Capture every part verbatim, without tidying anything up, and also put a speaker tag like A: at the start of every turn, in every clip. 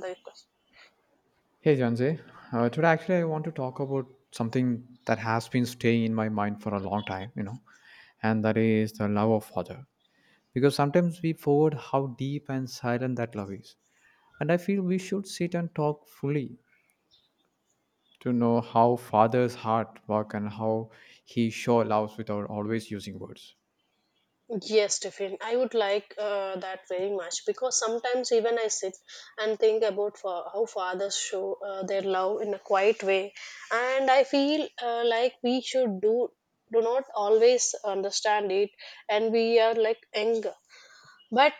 A: The request.
B: Hey Janze, uh, today actually I want to talk about something that has been staying in my mind for a long time, you know, and that is the love of father. Because sometimes we forget how deep and silent that love is, and I feel we should sit and talk fully to know how father's heart work and how he show love without always using words.
A: Yes, Tiffin, I would like uh, that very much, because sometimes even I sit and think about fa- how fathers show uh, their love in a quiet way, and I feel uh, like we should do do not always understand it, and we are like younger. But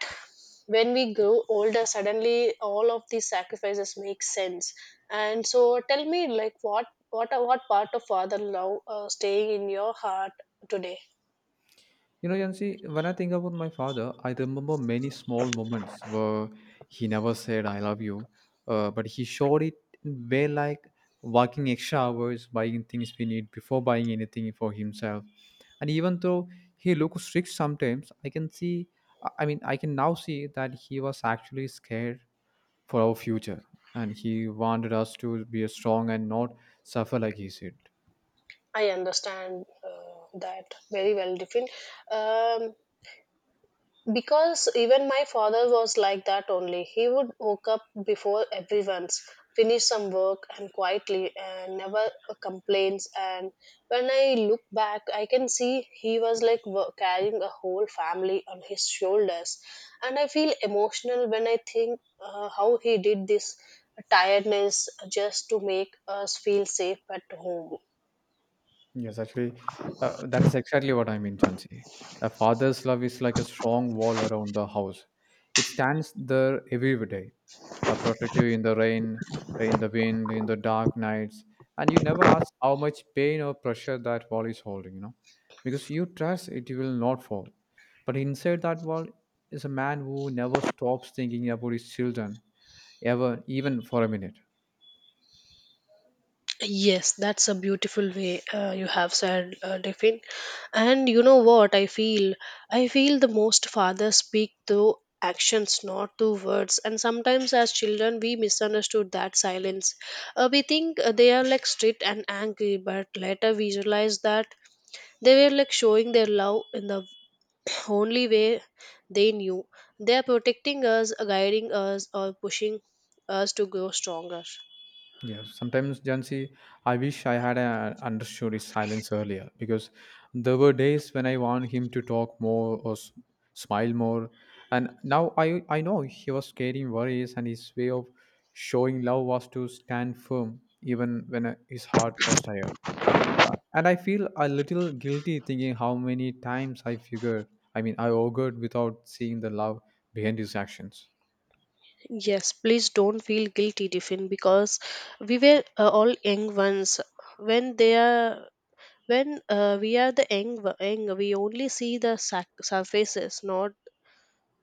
A: when we grow older, suddenly all of these sacrifices make sense. And so, tell me, like, what what what part of father love uh, staying in your heart today?
B: You know, Yancy, when I think about my father, I remember many small moments where he never said "I love you," uh, but he showed it in way like working extra hours, buying things we need before buying anything for himself. And even though he looks strict sometimes, I can see, I I mean, I can now see that he was actually scared for our future, and he wanted us to be strong and not suffer like he said.
A: I understand uh, that very well, Diffin. Um, because even my father was like that only. He would woke up before everyone's, finish some work and quietly, and never uh, complains. And when I look back, I can see he was like wo- carrying a whole family on his shoulders, and I feel emotional when I think uh, how he did this tiredness just to make us feel safe at home.
B: Yes, actually, uh, that is exactly what I mean, Chansi. A father's love is like a strong wall around the house. It stands there every day, uh, protective in the rain, uh, in the wind, in the dark nights, and you never ask how much pain or pressure that wall is holding, you know, because you trust it will not fall. But inside that wall is a man who never stops thinking about his children, ever, even for a minute.
A: Yes, that's a beautiful way uh, you have said, uh, Devin. And you know what I feel? I feel the most fathers speak through actions, not through words. And sometimes, as children, we misunderstood that silence. Uh, we think uh, they are like strict and angry, but later we realize that they were like showing their love in the only way they knew. They are protecting us, guiding us, or pushing us to grow stronger.
B: Yeah, sometimes Jansi, I wish I had uh, understood his silence earlier because there were days when I want him to talk more or s- smile more, and now I I know he was carrying worries and his way of showing love was to stand firm even when uh, his heart was tired. Uh, And I feel a little guilty thinking how many times I figured, I mean, I augured without seeing the love behind his actions.
A: Yes, please don't feel guilty, Tiffin, because we were uh, all young ones. When they are, when uh, we are the young, wo- young, we only see the sac- surfaces. Not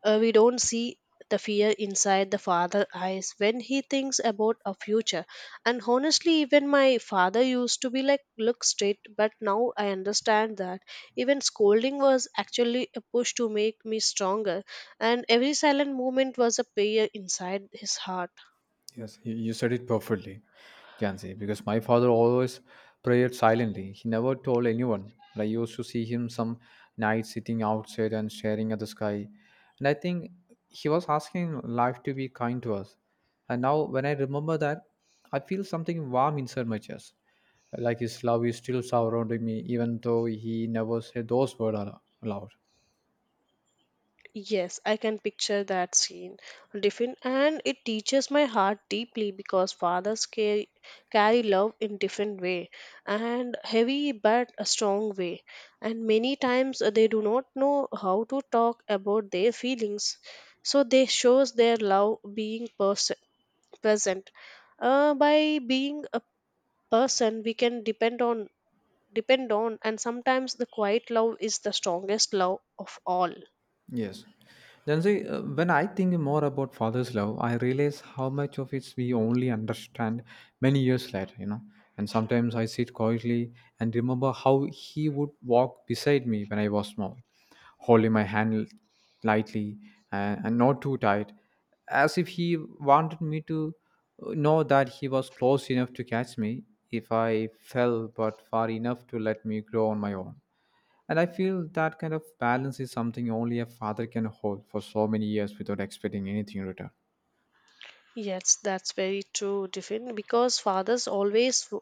A: uh, we don't see the fear inside the father eyes when he thinks about a future. And honestly, even my father used to be like, look straight. But now I understand that even scolding was actually a push to make me stronger, and every silent moment was a prayer inside his heart.
B: Yes, you, you said it perfectly, Jansi, because my father always prayed silently. He never told anyone. But I used to see him some nights sitting outside and staring at the sky. And I think he was asking life to be kind to us. And now when I remember that, I feel something warm inside my chest. Like his love is still surrounding me, even though he never said those words aloud.
A: Yes, I can picture that scene. Different, and it teaches my heart deeply because fathers carry, carry love in different way and heavy but a strong way. And many times uh, they do not know how to talk about their feelings, so they shows their love being pers- present. Uh, by being a person, we can depend on depend on, and sometimes the quiet love is the strongest love of all.
B: Yes. Jansi, uh, when I think more about father's love, I realize how much of it we only understand many years later, you know. And sometimes I sit quietly and remember how he would walk beside me when I was small, holding my hand lightly and, and not too tight, as if he wanted me to uh, know that he was close enough to catch me if I fell, but far enough to let me grow on my own. And I feel that kind of balance is something only a father can hold for so many years without expecting anything in return.
A: Yes, that's very true, Tiffin, because fathers always w-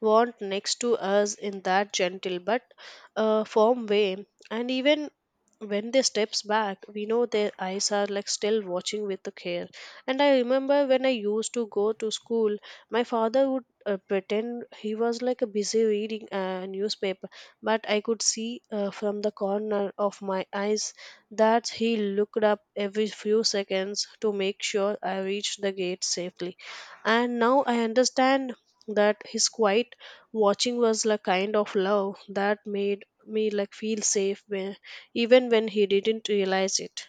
A: want next to us in that gentle but uh, firm way. And even when they steps back, we know their eyes are like still watching with the care. And I remember when I used to go to school, my father would uh, pretend he was like a busy reading a newspaper, but I could see uh, from the corner of my eyes that he looked up every few seconds to make sure I reached the gate safely. And now I understand that his quiet watching was like kind of love that made me like feel safe even when he didn't realize it.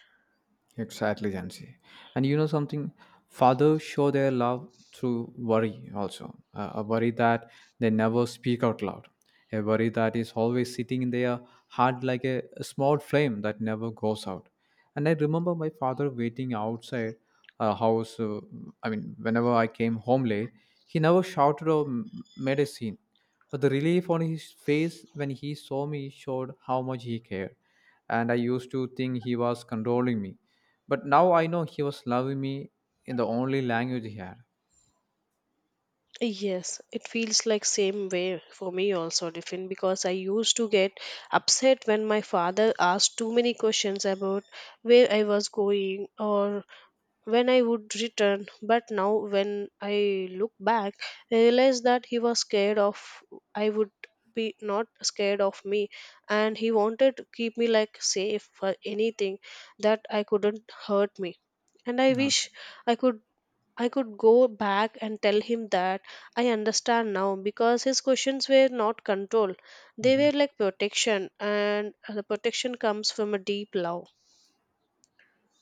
B: Exactly, Jansi. And you know something? Fathers show their love through worry also. Uh, a worry that they never speak out loud. A worry that is always sitting in their heart like a, a small flame that never goes out. And I remember my father waiting outside a house. Uh, I mean, whenever I came home late, he never shouted or m- made a scene. But the relief on his face when he saw me showed how much he cared. And I used to think he was controlling me but now I know he was loving me in the only language he had.
A: Yes, it feels like same way for me also, different, because I used to get upset when my father asked too many questions about where I was going or when I would return. But now when I look back, I realize that he was scared of I would be not scared of me, and he wanted to keep me like safe for anything that I couldn't hurt me. And I
B: No.
A: wish I could I could go back and tell him that I understand now, because his questions were not control. They were
B: Mhm.
A: like protection, and the protection comes from a deep love.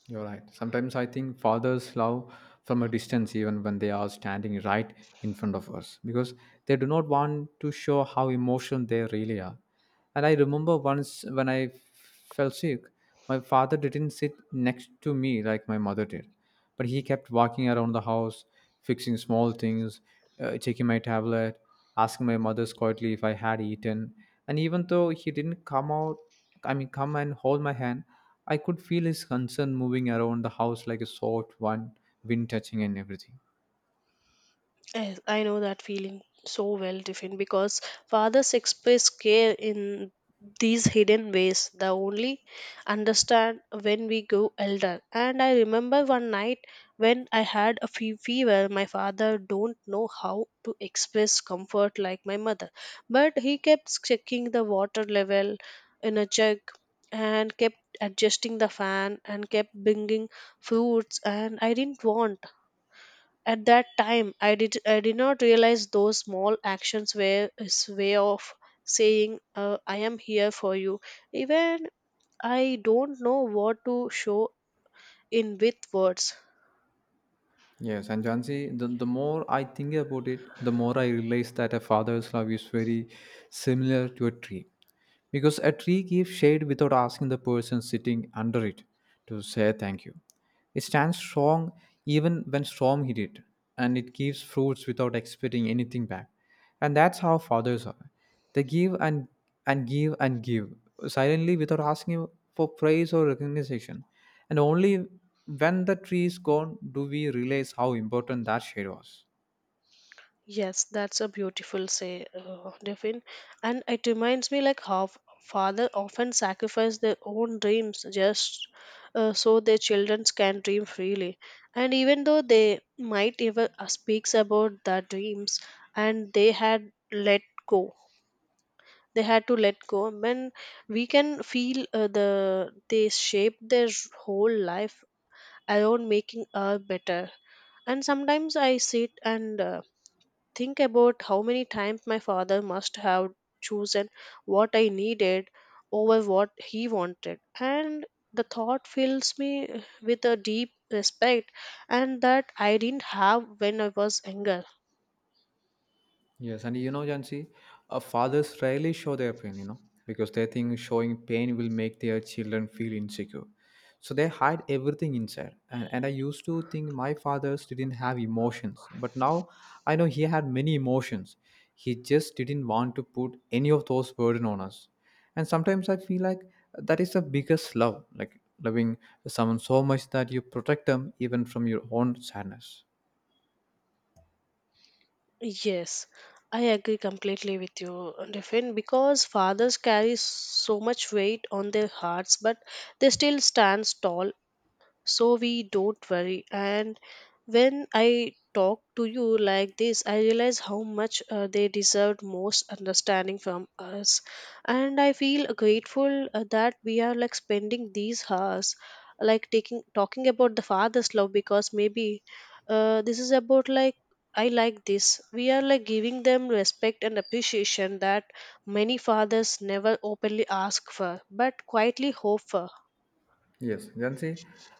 B: You're right. Sometimes I think fathers love from a distance, even when they are standing right in front of us, because they do not want to show how emotional they really are. And I remember once when I fell sick, my father didn't sit next to me like my mother did, but he kept walking around the house, fixing small things, uh, checking my tablet, asking my mother quietly if I had eaten. And even though he didn't come out, I mean, come and hold my hand, I could feel his concern moving around the house like a soft one, wind touching and everything.
A: Yes, I know that feeling so well, Tiffin, because fathers express care in these hidden ways that only understand when we grow elder. And I remember one night when I had a fe- fever, my father don't know how to express comfort like my mother, but he kept checking the water level in a jug and kept adjusting the fan and kept bringing fruits, and I didn't want at that time, I did, I did not realize those small actions were his way of saying, uh, I am here for you. Even I don't know what to show in with words.
B: Yes, and Jansi, the, the more I think about it, the more I realize that a father's love is very similar to a tree. Because a tree gives shade without asking the person sitting under it to say thank you. It stands strong even when storm hit it, and it gives fruits without expecting anything back. And that's how fathers are. They give and and give and give silently without asking for praise or recognition. And only when the tree is gone do we realize how important that shade was.
A: Yes, that's a beautiful say, uh, Devin. And it reminds me like how father often sacrifice their own dreams just uh, so their children can dream freely. And even though they might even uh, speaks about the dreams and they had let go, they had to let go when we can feel uh, the they shape their whole life around making us better. And sometimes I sit and uh, think about how many times my father must have chosen what I needed over what he wanted, and the thought fills me with a deep respect, and that I didn't have when I was younger.
B: Yes, and you know, Jansi, uh, fathers rarely show their pain, you know, because they think showing pain will make their children feel insecure. So they hide everything inside. And, and I used to think my fathers didn't have emotions, but now I know he had many emotions. He just didn't want to put any of those burden on us. And sometimes I feel like that is the biggest love, like loving someone so much that you protect them even from your own sadness.
A: Yes, I agree completely with you, Diffin, because fathers carry so much weight on their hearts, but they still stand tall so we don't worry. And when I talk to you like this, I realize how much uh, they deserved most understanding from us, and I feel grateful uh, that we are like spending these hours like taking talking about the father's love, because maybe uh, this is about like I like this we are like giving them respect and appreciation that many fathers never openly ask for but quietly hope for.
B: Yes, then see,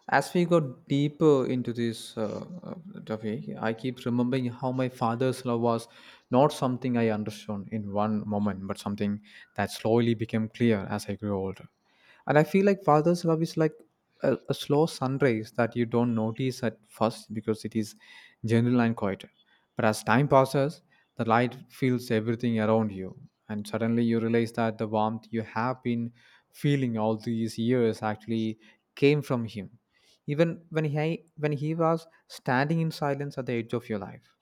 B: as we got deeper into this uh, uh, topic, I keep remembering how my father's love was not something I understood in one moment, but something that slowly became clear as I grew older. And I feel like father's love is like a, a slow sunrise that you don't notice at first because it is general and quiet. But as time passes, the light fills everything around you, and suddenly you realize that the warmth you have been feeling all these years actually came from him, even when he when he was standing in silence at the edge of your life.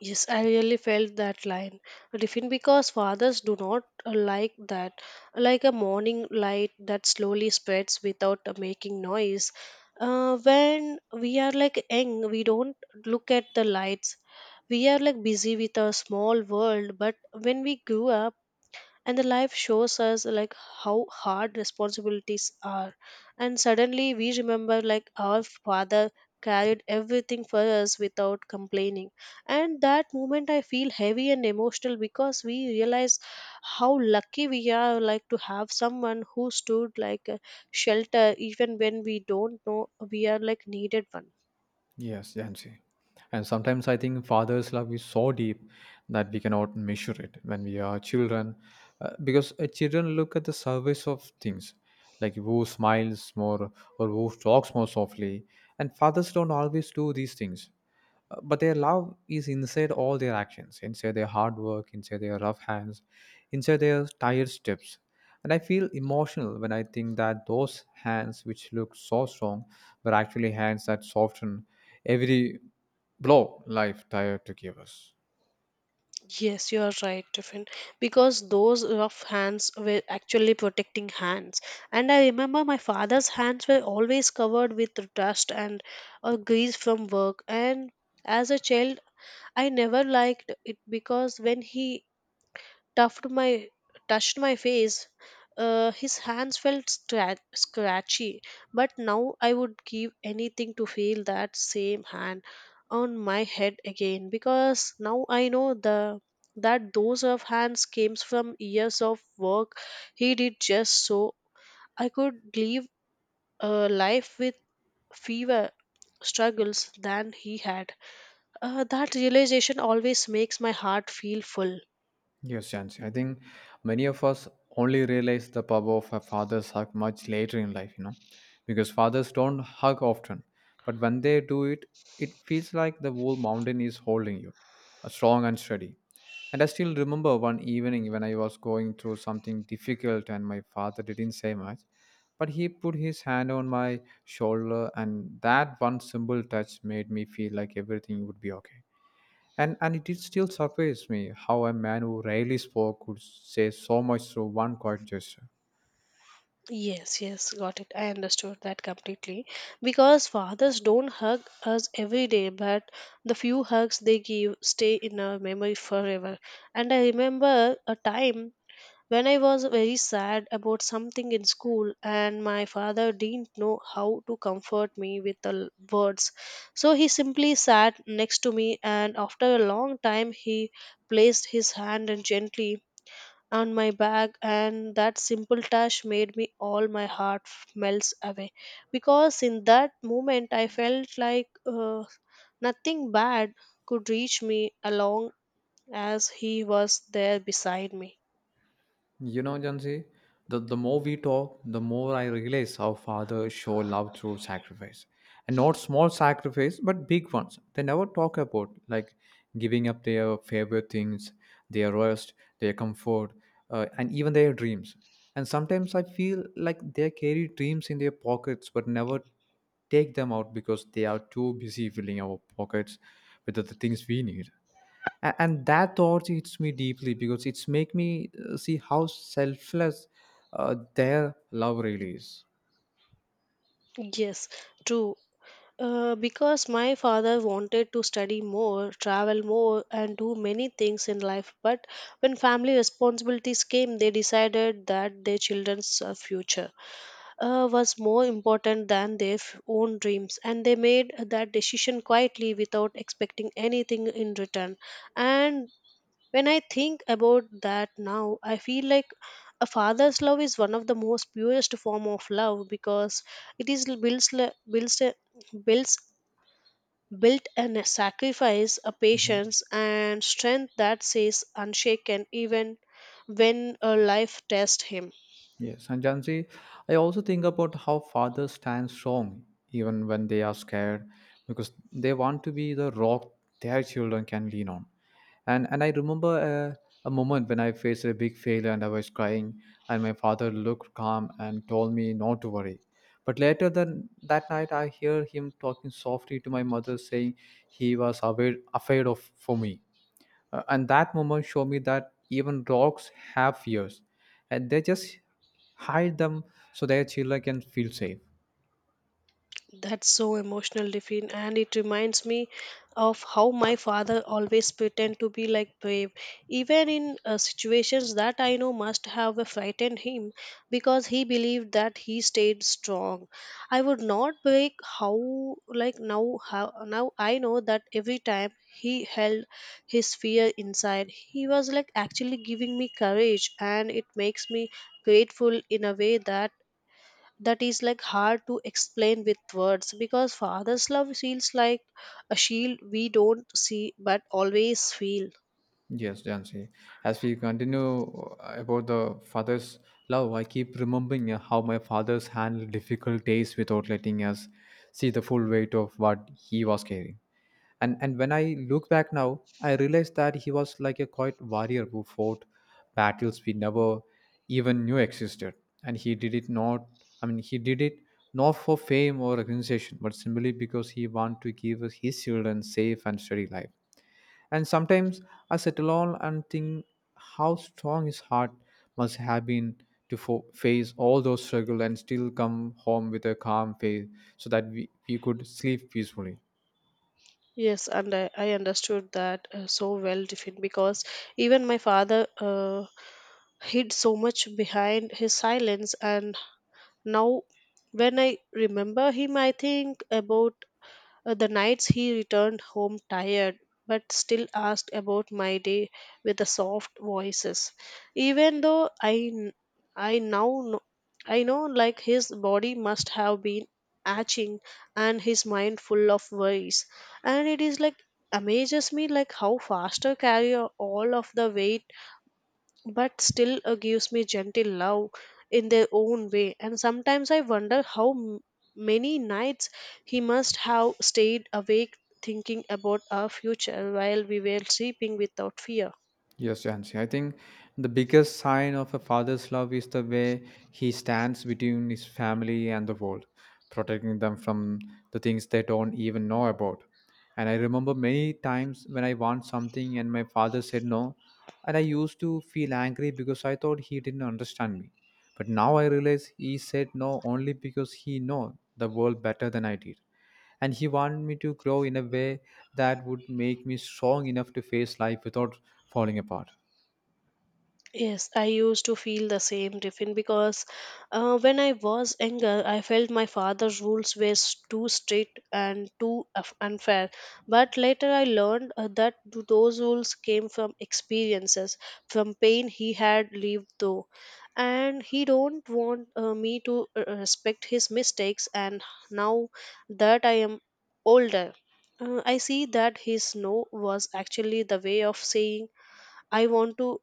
A: Yes, I really felt that line. Different, because fathers do not uh, like that. Like a morning light that slowly spreads without uh, making noise. Uh, when we are like young, we don't look at the lights. We are like busy with our small world, but when we grew up, and the life shows us like how hard responsibilities are, and suddenly we remember like our father carried everything for us without complaining. And that moment I feel heavy and emotional because we realize how lucky we are like to have someone who stood like a shelter even when we don't know we are like needed one.
B: Yes, Yancy. And sometimes I think father's love is so deep that we cannot measure it when we are children, uh, because uh, children look at the surface of things, like who smiles more or who talks more softly, and fathers don't always do these things. Uh, but their love is inside all their actions, inside their hard work, inside their rough hands, inside their tired steps. And I feel emotional when I think that those hands which look so strong were actually hands that soften every blow life tired to give us.
A: Yes, you are right, Tiffin. Because those rough hands were actually protecting hands. And I remember my father's hands were always covered with dust and uh, grease from work. And as a child, I never liked it because when he touched my touched my face. Uh, his hands felt stra- scratchy, but now I would give anything to feel that same hand on my head again, because now I know the that those of hands came from years of work he did just so I could live a life with fewer struggles than he had. Uh, that realization always makes my heart feel full.
B: Yes, Jansi. I think many of us only realize the power of a father's hug much later in life, you know, because fathers don't hug often. But when they do it, it feels like the whole mountain is holding you, uh, strong and steady. And I still remember one evening when I was going through something difficult and my father didn't say much, but he put his hand on my shoulder, and that one simple touch made me feel like everything would be okay. And and it still surprised me how a man who rarely spoke could say so much through one quiet gesture.
A: Yes, yes, got it. I understood that completely. Because fathers don't hug us every day, but the few hugs they give stay in our memory forever. And I remember a time when I was very sad about something in school, and my father didn't know how to comfort me with the l- words. So he simply sat next to me, and after a long time, he placed his hand and gently on my back, and that simple touch made me all my heart f- melts away, because in that moment I felt like uh, nothing bad could reach me along as he was there beside me.
B: You know, Jansi, the, the more we talk, the more I realize how fathers show love through sacrifice. And not small sacrifice, but big ones. They never talk about like giving up their favorite things, their rest, their comfort, uh, and even their dreams. And sometimes I feel like they carry dreams in their pockets, but never take them out because they are too busy filling our pockets with the the things we need. A- and that thought hits me deeply because it's make me uh, see how selfless uh, their love really is.
A: Yes, true, uh, because my father wanted to study more, travel more, and do many things in life. But when family responsibilities came, they decided that their children's uh, future uh, was more important than their f- own dreams, and they made that decision quietly without expecting anything in return. And when I think about that now, I feel like a father's love is one of the most purest form of love, because it is l- builds le- builds a- builds built and sacrifice a patience and strength that stays unshaken even when a life tests him.
B: Yes, and Gen I also think about how fathers stand strong even when they are scared because they want to be the rock their children can lean on. And and I remember a, a moment when I faced a big failure and I was crying, and my father looked calm and told me not to worry. But later than that night, I hear him talking softly to my mother, saying he was aware, afraid of for me, uh, and that moment showed me that even dogs have fears and they just hide them so their children can feel safe.
A: That's so emotional, Diffin, and it reminds me of how my father always pretend to be like brave, even in uh, situations that I know must have frightened him, because he believed that he stayed strong. I would not break how like now how now I know that every time he held his fear inside, he was like actually giving me courage, and it makes me grateful in a way that that is like hard to explain with words, because father's love feels like a shield we don't see but always feel.
B: Yes, Jansi. As we continue uh, about the father's love, I keep remembering uh, how my father's handled difficult days without letting us see the full weight of what he was carrying. and and when i look back now, I realize that he was like a quiet warrior who fought battles we never even knew existed. And he did it not I mean he did it not for fame or recognition but simply because he wanted to give us his children safe and steady life. And sometimes I sit alone and think how strong his heart must have been to fo- face all those struggles and still come home with a calm face so that we, we could sleep peacefully.
A: Yes, and i, I understood that uh, so well, different, because even my father uh, hid so much behind his silence. And now when I remember him, I think about Uh, the nights he returned home tired, but still asked about my day with a soft voices. Even though I, n- I now know, I know like his body must have been aching and his mind full of worries, and it is like amazes me like how faster carry all of the weight but still uh, gives me gentle love in their own way. And sometimes I wonder how m- many nights he must have stayed awake thinking about our future while we were sleeping without fear.
B: Yes, Jansi. I think the biggest sign of a father's love is the way he stands between his family and the world, protecting them from the things they don't even know about. And I remember many times when I want something and my father said no, and I used to feel angry because I thought he didn't understand me. But now I realize he said no only because he know the world better than I did, and he wanted me to grow in a way that would make me strong enough to face life without falling apart.
A: Yes, I used to feel the same, Tiffin, because uh, when I was younger, I felt my father's rules were s- too strict and too af- unfair. But later I learned uh, that th- those rules came from experiences, from pain he had lived through. And he don't want uh, me to uh, uh, respect his mistakes. And now that I am older, uh, I see that his no was actually the way of saying I want to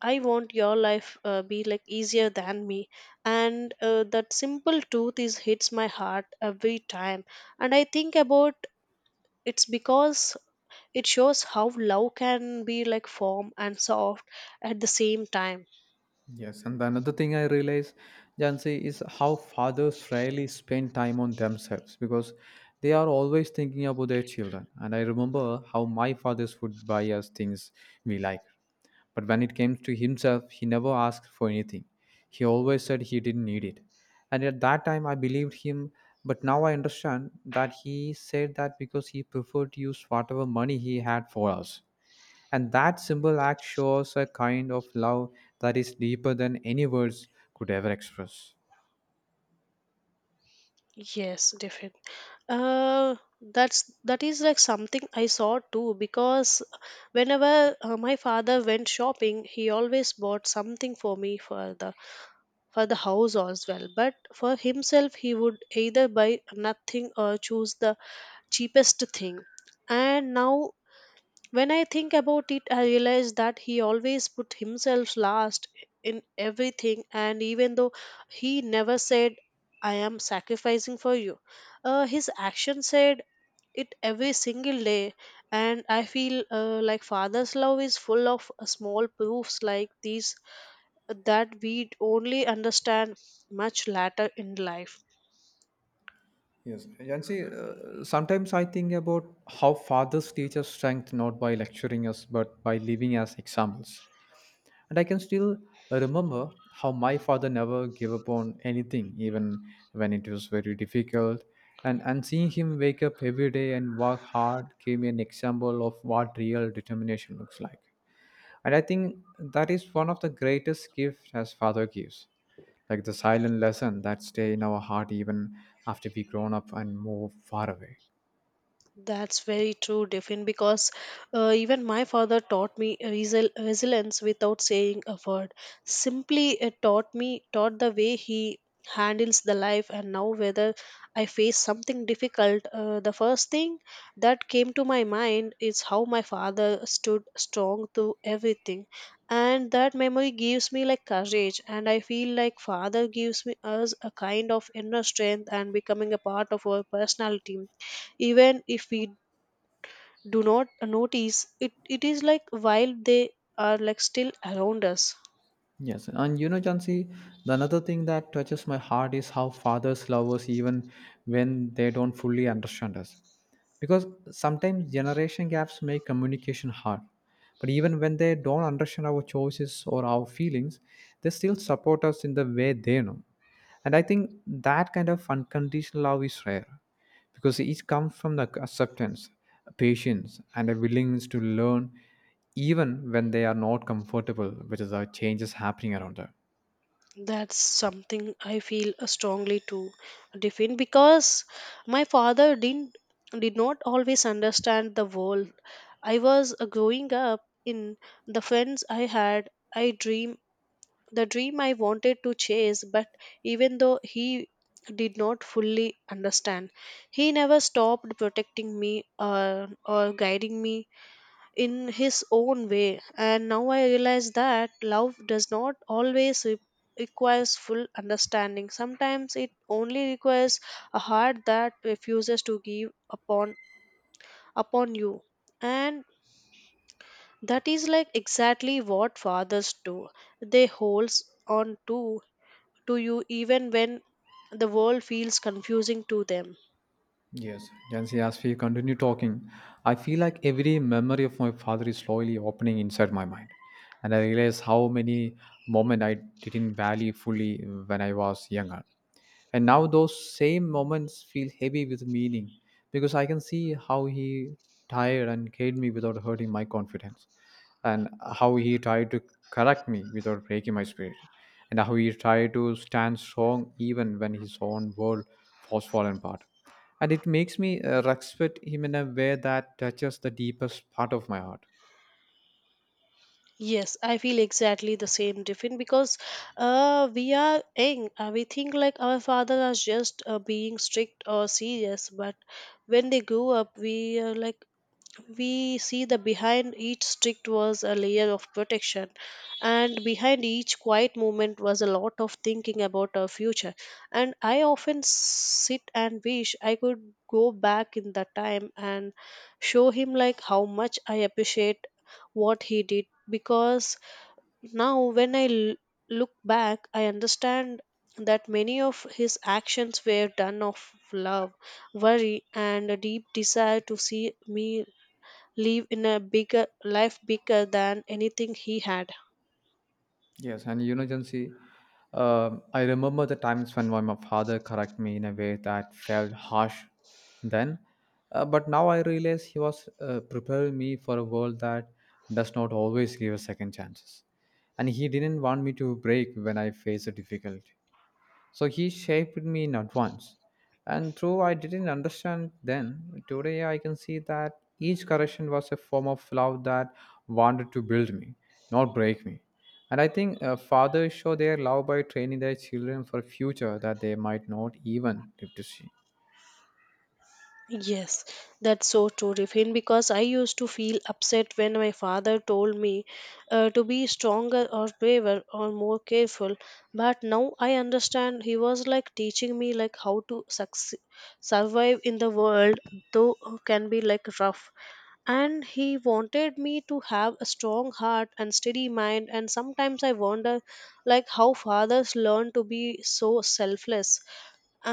A: I want your life uh, be like easier than me. And uh, that simple truth is hits my heart every time. And I think about it's because it shows how love can be like firm and soft at the same time.
B: Yes, and another thing I realize, Jansi, is how fathers rarely spend time on themselves because they are always thinking about their children. And I remember how my fathers would buy us things we like. But when it came to himself, he never asked for anything. He always said he didn't need it. And at that time, I believed him, but now I understand that he said that because he preferred to use whatever money he had for us. And that simple act shows a kind of love that is deeper than any words could ever express.
A: Yes, definitely. Uh, that's that is like something I saw too because whenever uh, my father went shopping, he always bought something for me for the for the house as well. But for himself, he would either buy nothing or choose the cheapest thing. And now, when I think about it, I realize that he always put himself last in everything. And even though he never said, I am sacrificing for you, uh, his action said it every single day. And I feel uh, like father's love is full of uh, small proofs like these that we'd only understand much later in life.
B: Yes, and see, uh, sometimes I think about how fathers teach us strength not by lecturing us but by living as examples. And I can still remember how my father never gave up on anything, even when it was very difficult. And, and seeing him wake up every day and work hard gave me an example of what real determination looks like. And I think that is one of the greatest gifts as father gives, like the silent lesson that stay in our heart even after we grown up and move far away.
A: That's very true, Diffin, because uh, even my father taught me resil- resilience without saying a word. Simply it taught me, taught the way he handles the life, and now whether I face something difficult, uh, the first thing that came to my mind is how my father stood strong through everything. And that memory gives me like courage, and I feel like father gives me us a kind of inner strength and becoming a part of our personality even if we do not notice it, it is like while they are like still around us.
B: Yes, and you know, Jansi, the another thing that touches my heart is how fathers love us even when they don't fully understand us. Because sometimes generation gaps make communication hard, but even when they don't understand our choices or our feelings, they still support us in the way they know. And I think that kind of unconditional love is rare, because each comes from the acceptance, patience and a willingness to learn even when they are not comfortable with the changes happening around them.
A: That's something I feel strongly to defend because my father didn't did not always understand the world I was uh, growing up in, the friends I had, I dream the dream I wanted to chase, but even though he did not fully understand, he never stopped protecting me or, or guiding me in his own way. And now I realize that love does not always re- requires full understanding. Sometimes it only requires a heart that refuses to give upon upon you. And that is like exactly what fathers do. They holds on to to you even when the world feels confusing to them.
B: Yes, Jansi, as we continue talking, I feel like every memory of my father is slowly opening inside my mind. And I realize how many moments I didn't value fully when I was younger. And now those same moments feel heavy with meaning because I can see how he tired and carried me without hurting my confidence, and how he tried to correct me without breaking my spirit, and how he tried to stand strong even when his own world was fallen apart. And it makes me uh, respect him in a way that touches the deepest part of my heart.
A: Yes, I feel exactly the same, Different, because uh, we are young. Uh, we think like our fathers are just uh, being strict or serious, but when they grow up, we are like we see the behind each strict was a layer of protection, and behind each quiet movement was a lot of thinking about our future. And I often sit and wish I could go back in that time and show him like how much I appreciate what he did, because now when I l- look back I understand that many of his actions were done of love, worry and a deep desire to see me live in a bigger life, bigger than anything he had.
B: Yes, and you know, Jansi, um I remember the times when my father correct me in a way that felt harsh then, uh, but now I realize he was uh, preparing me for a world that does not always give us second chances, and he didn't want me to break when I face a difficulty. So he shaped me in advance. And though I didn't understand then, today I can see that each correction was a form of love that wanted to build me, not break me. And I think uh, fathers show their love by training their children for a future that they might not even live to see.
A: Yes, that's so true, Rifin, because I used to feel upset when my father told me uh, to be stronger or braver or more careful. But now I understand he was like teaching me like how to succeed, survive in the world, though can be like rough. And he wanted me to have a strong heart and steady mind. And sometimes I wonder like how fathers learn to be so selfless,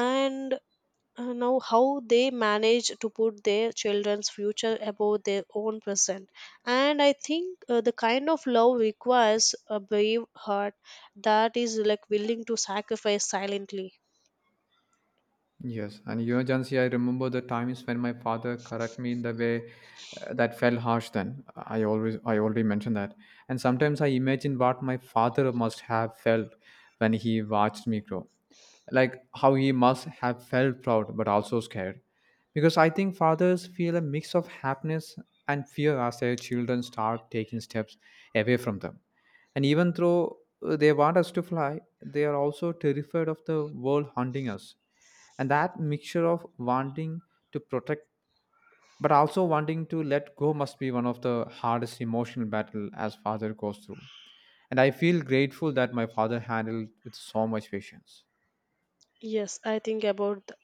A: and uh, now how they manage to put their children's future above their own present. And I think uh, the kind of love requires a brave heart that is like willing to sacrifice silently.
B: Yes, and emergency. I remember the times when my father correct me in the way uh, that felt harsh. Then I always, I already mentioned that, and sometimes I imagine what my father must have felt when he watched me grow, like how he must have felt proud but also scared, because I think fathers feel a mix of happiness and fear as their children start taking steps away from them. And even though uh, they want us to fly, they are also terrified of the world hunting us. And that mixture of wanting to protect but also wanting to let go must be one of the hardest emotional battle as father goes through, and I feel grateful that my father handled with so much patience.
A: Yes, I think about th-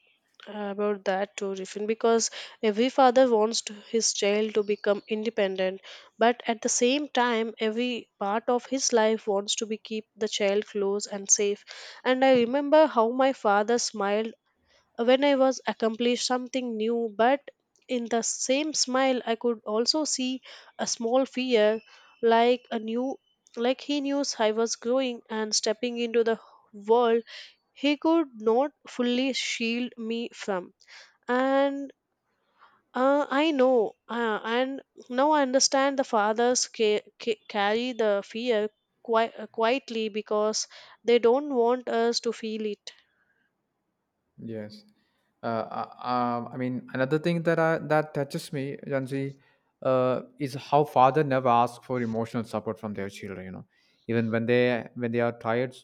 A: about that too, Riffin, because every father wants to, his child to become independent, but at the same time, every part of his life wants to be keep the child close and safe. And I remember how my father smiled when I was accomplished something new, but in the same smile, I could also see a small fear, like a new, like he knew I was growing and stepping into the world he could not fully shield me from. And uh, I know, uh, and now I understand the fathers ca- ca- carry the fear qui- uh, quietly because they don't want us to feel it.
B: Yes. Uh, uh, um, I mean, another thing that I, that touches me, Janji, uh, is how father never ask for emotional support from their children. You know, even when they when they are tired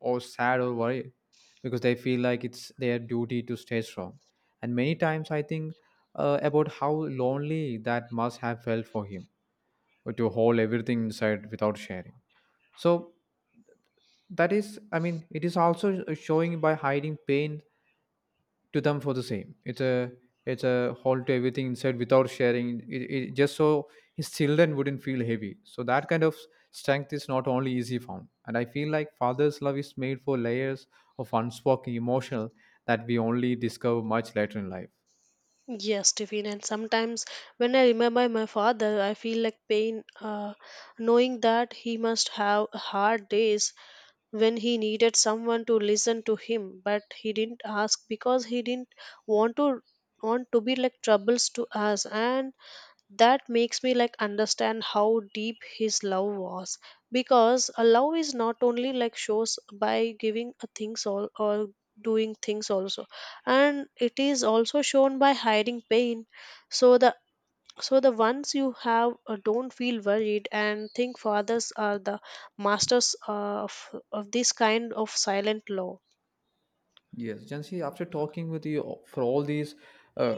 B: or sad or worried, because they feel like it's their duty to stay strong. And many times, I think uh, about how lonely that must have felt for him uh, to hold everything inside without sharing. So that is, I mean, it is also showing by hiding pain to them for the same. It's a it's a hold to everything inside without sharing. It, it just so his children wouldn't feel heavy. So that kind of strength is not only easy found. And I feel like father's love is made for layers of unspoken emotional that we only discover much later in life.
A: Yes, Tiffin, and sometimes when I remember my father, I feel like pain, uh, knowing that he must have hard days when he needed someone to listen to him but he didn't ask because he didn't want to want to be like troubles to us. And that makes me like understand how deep his love was, because a love is not only like shows by giving a things all or doing things also, and it is also shown by hiding pain so the so the ones you have uh, don't feel worried. And think fathers are the masters uh, of of this kind of silent law.
B: Yes, Jansi, after talking with you for all these uh,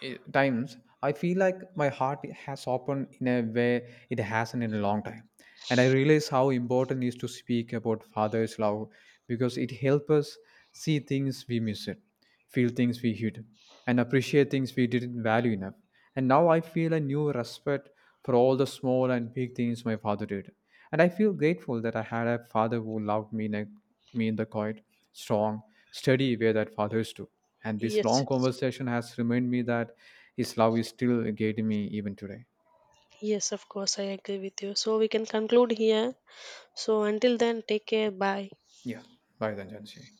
B: eh, times, I feel like my heart has opened in a way it hasn't in a long time. And I realize how important it is to speak about Father's love because it helps us see things we miss it, feel things we hid, and appreciate things we didn't value enough. And now I feel a new respect for all the small and big things my father did. And I feel grateful that I had a father who loved me in, a, me in the quiet, strong, steady way that fathers do. And this
A: Yes,
B: long
A: yes.
B: conversation has reminded me that his love is still guiding me even today.
A: Yes, of course I agree with you, so we can conclude here. So until then, take care, bye.
B: Yeah. Bye then, Jansi.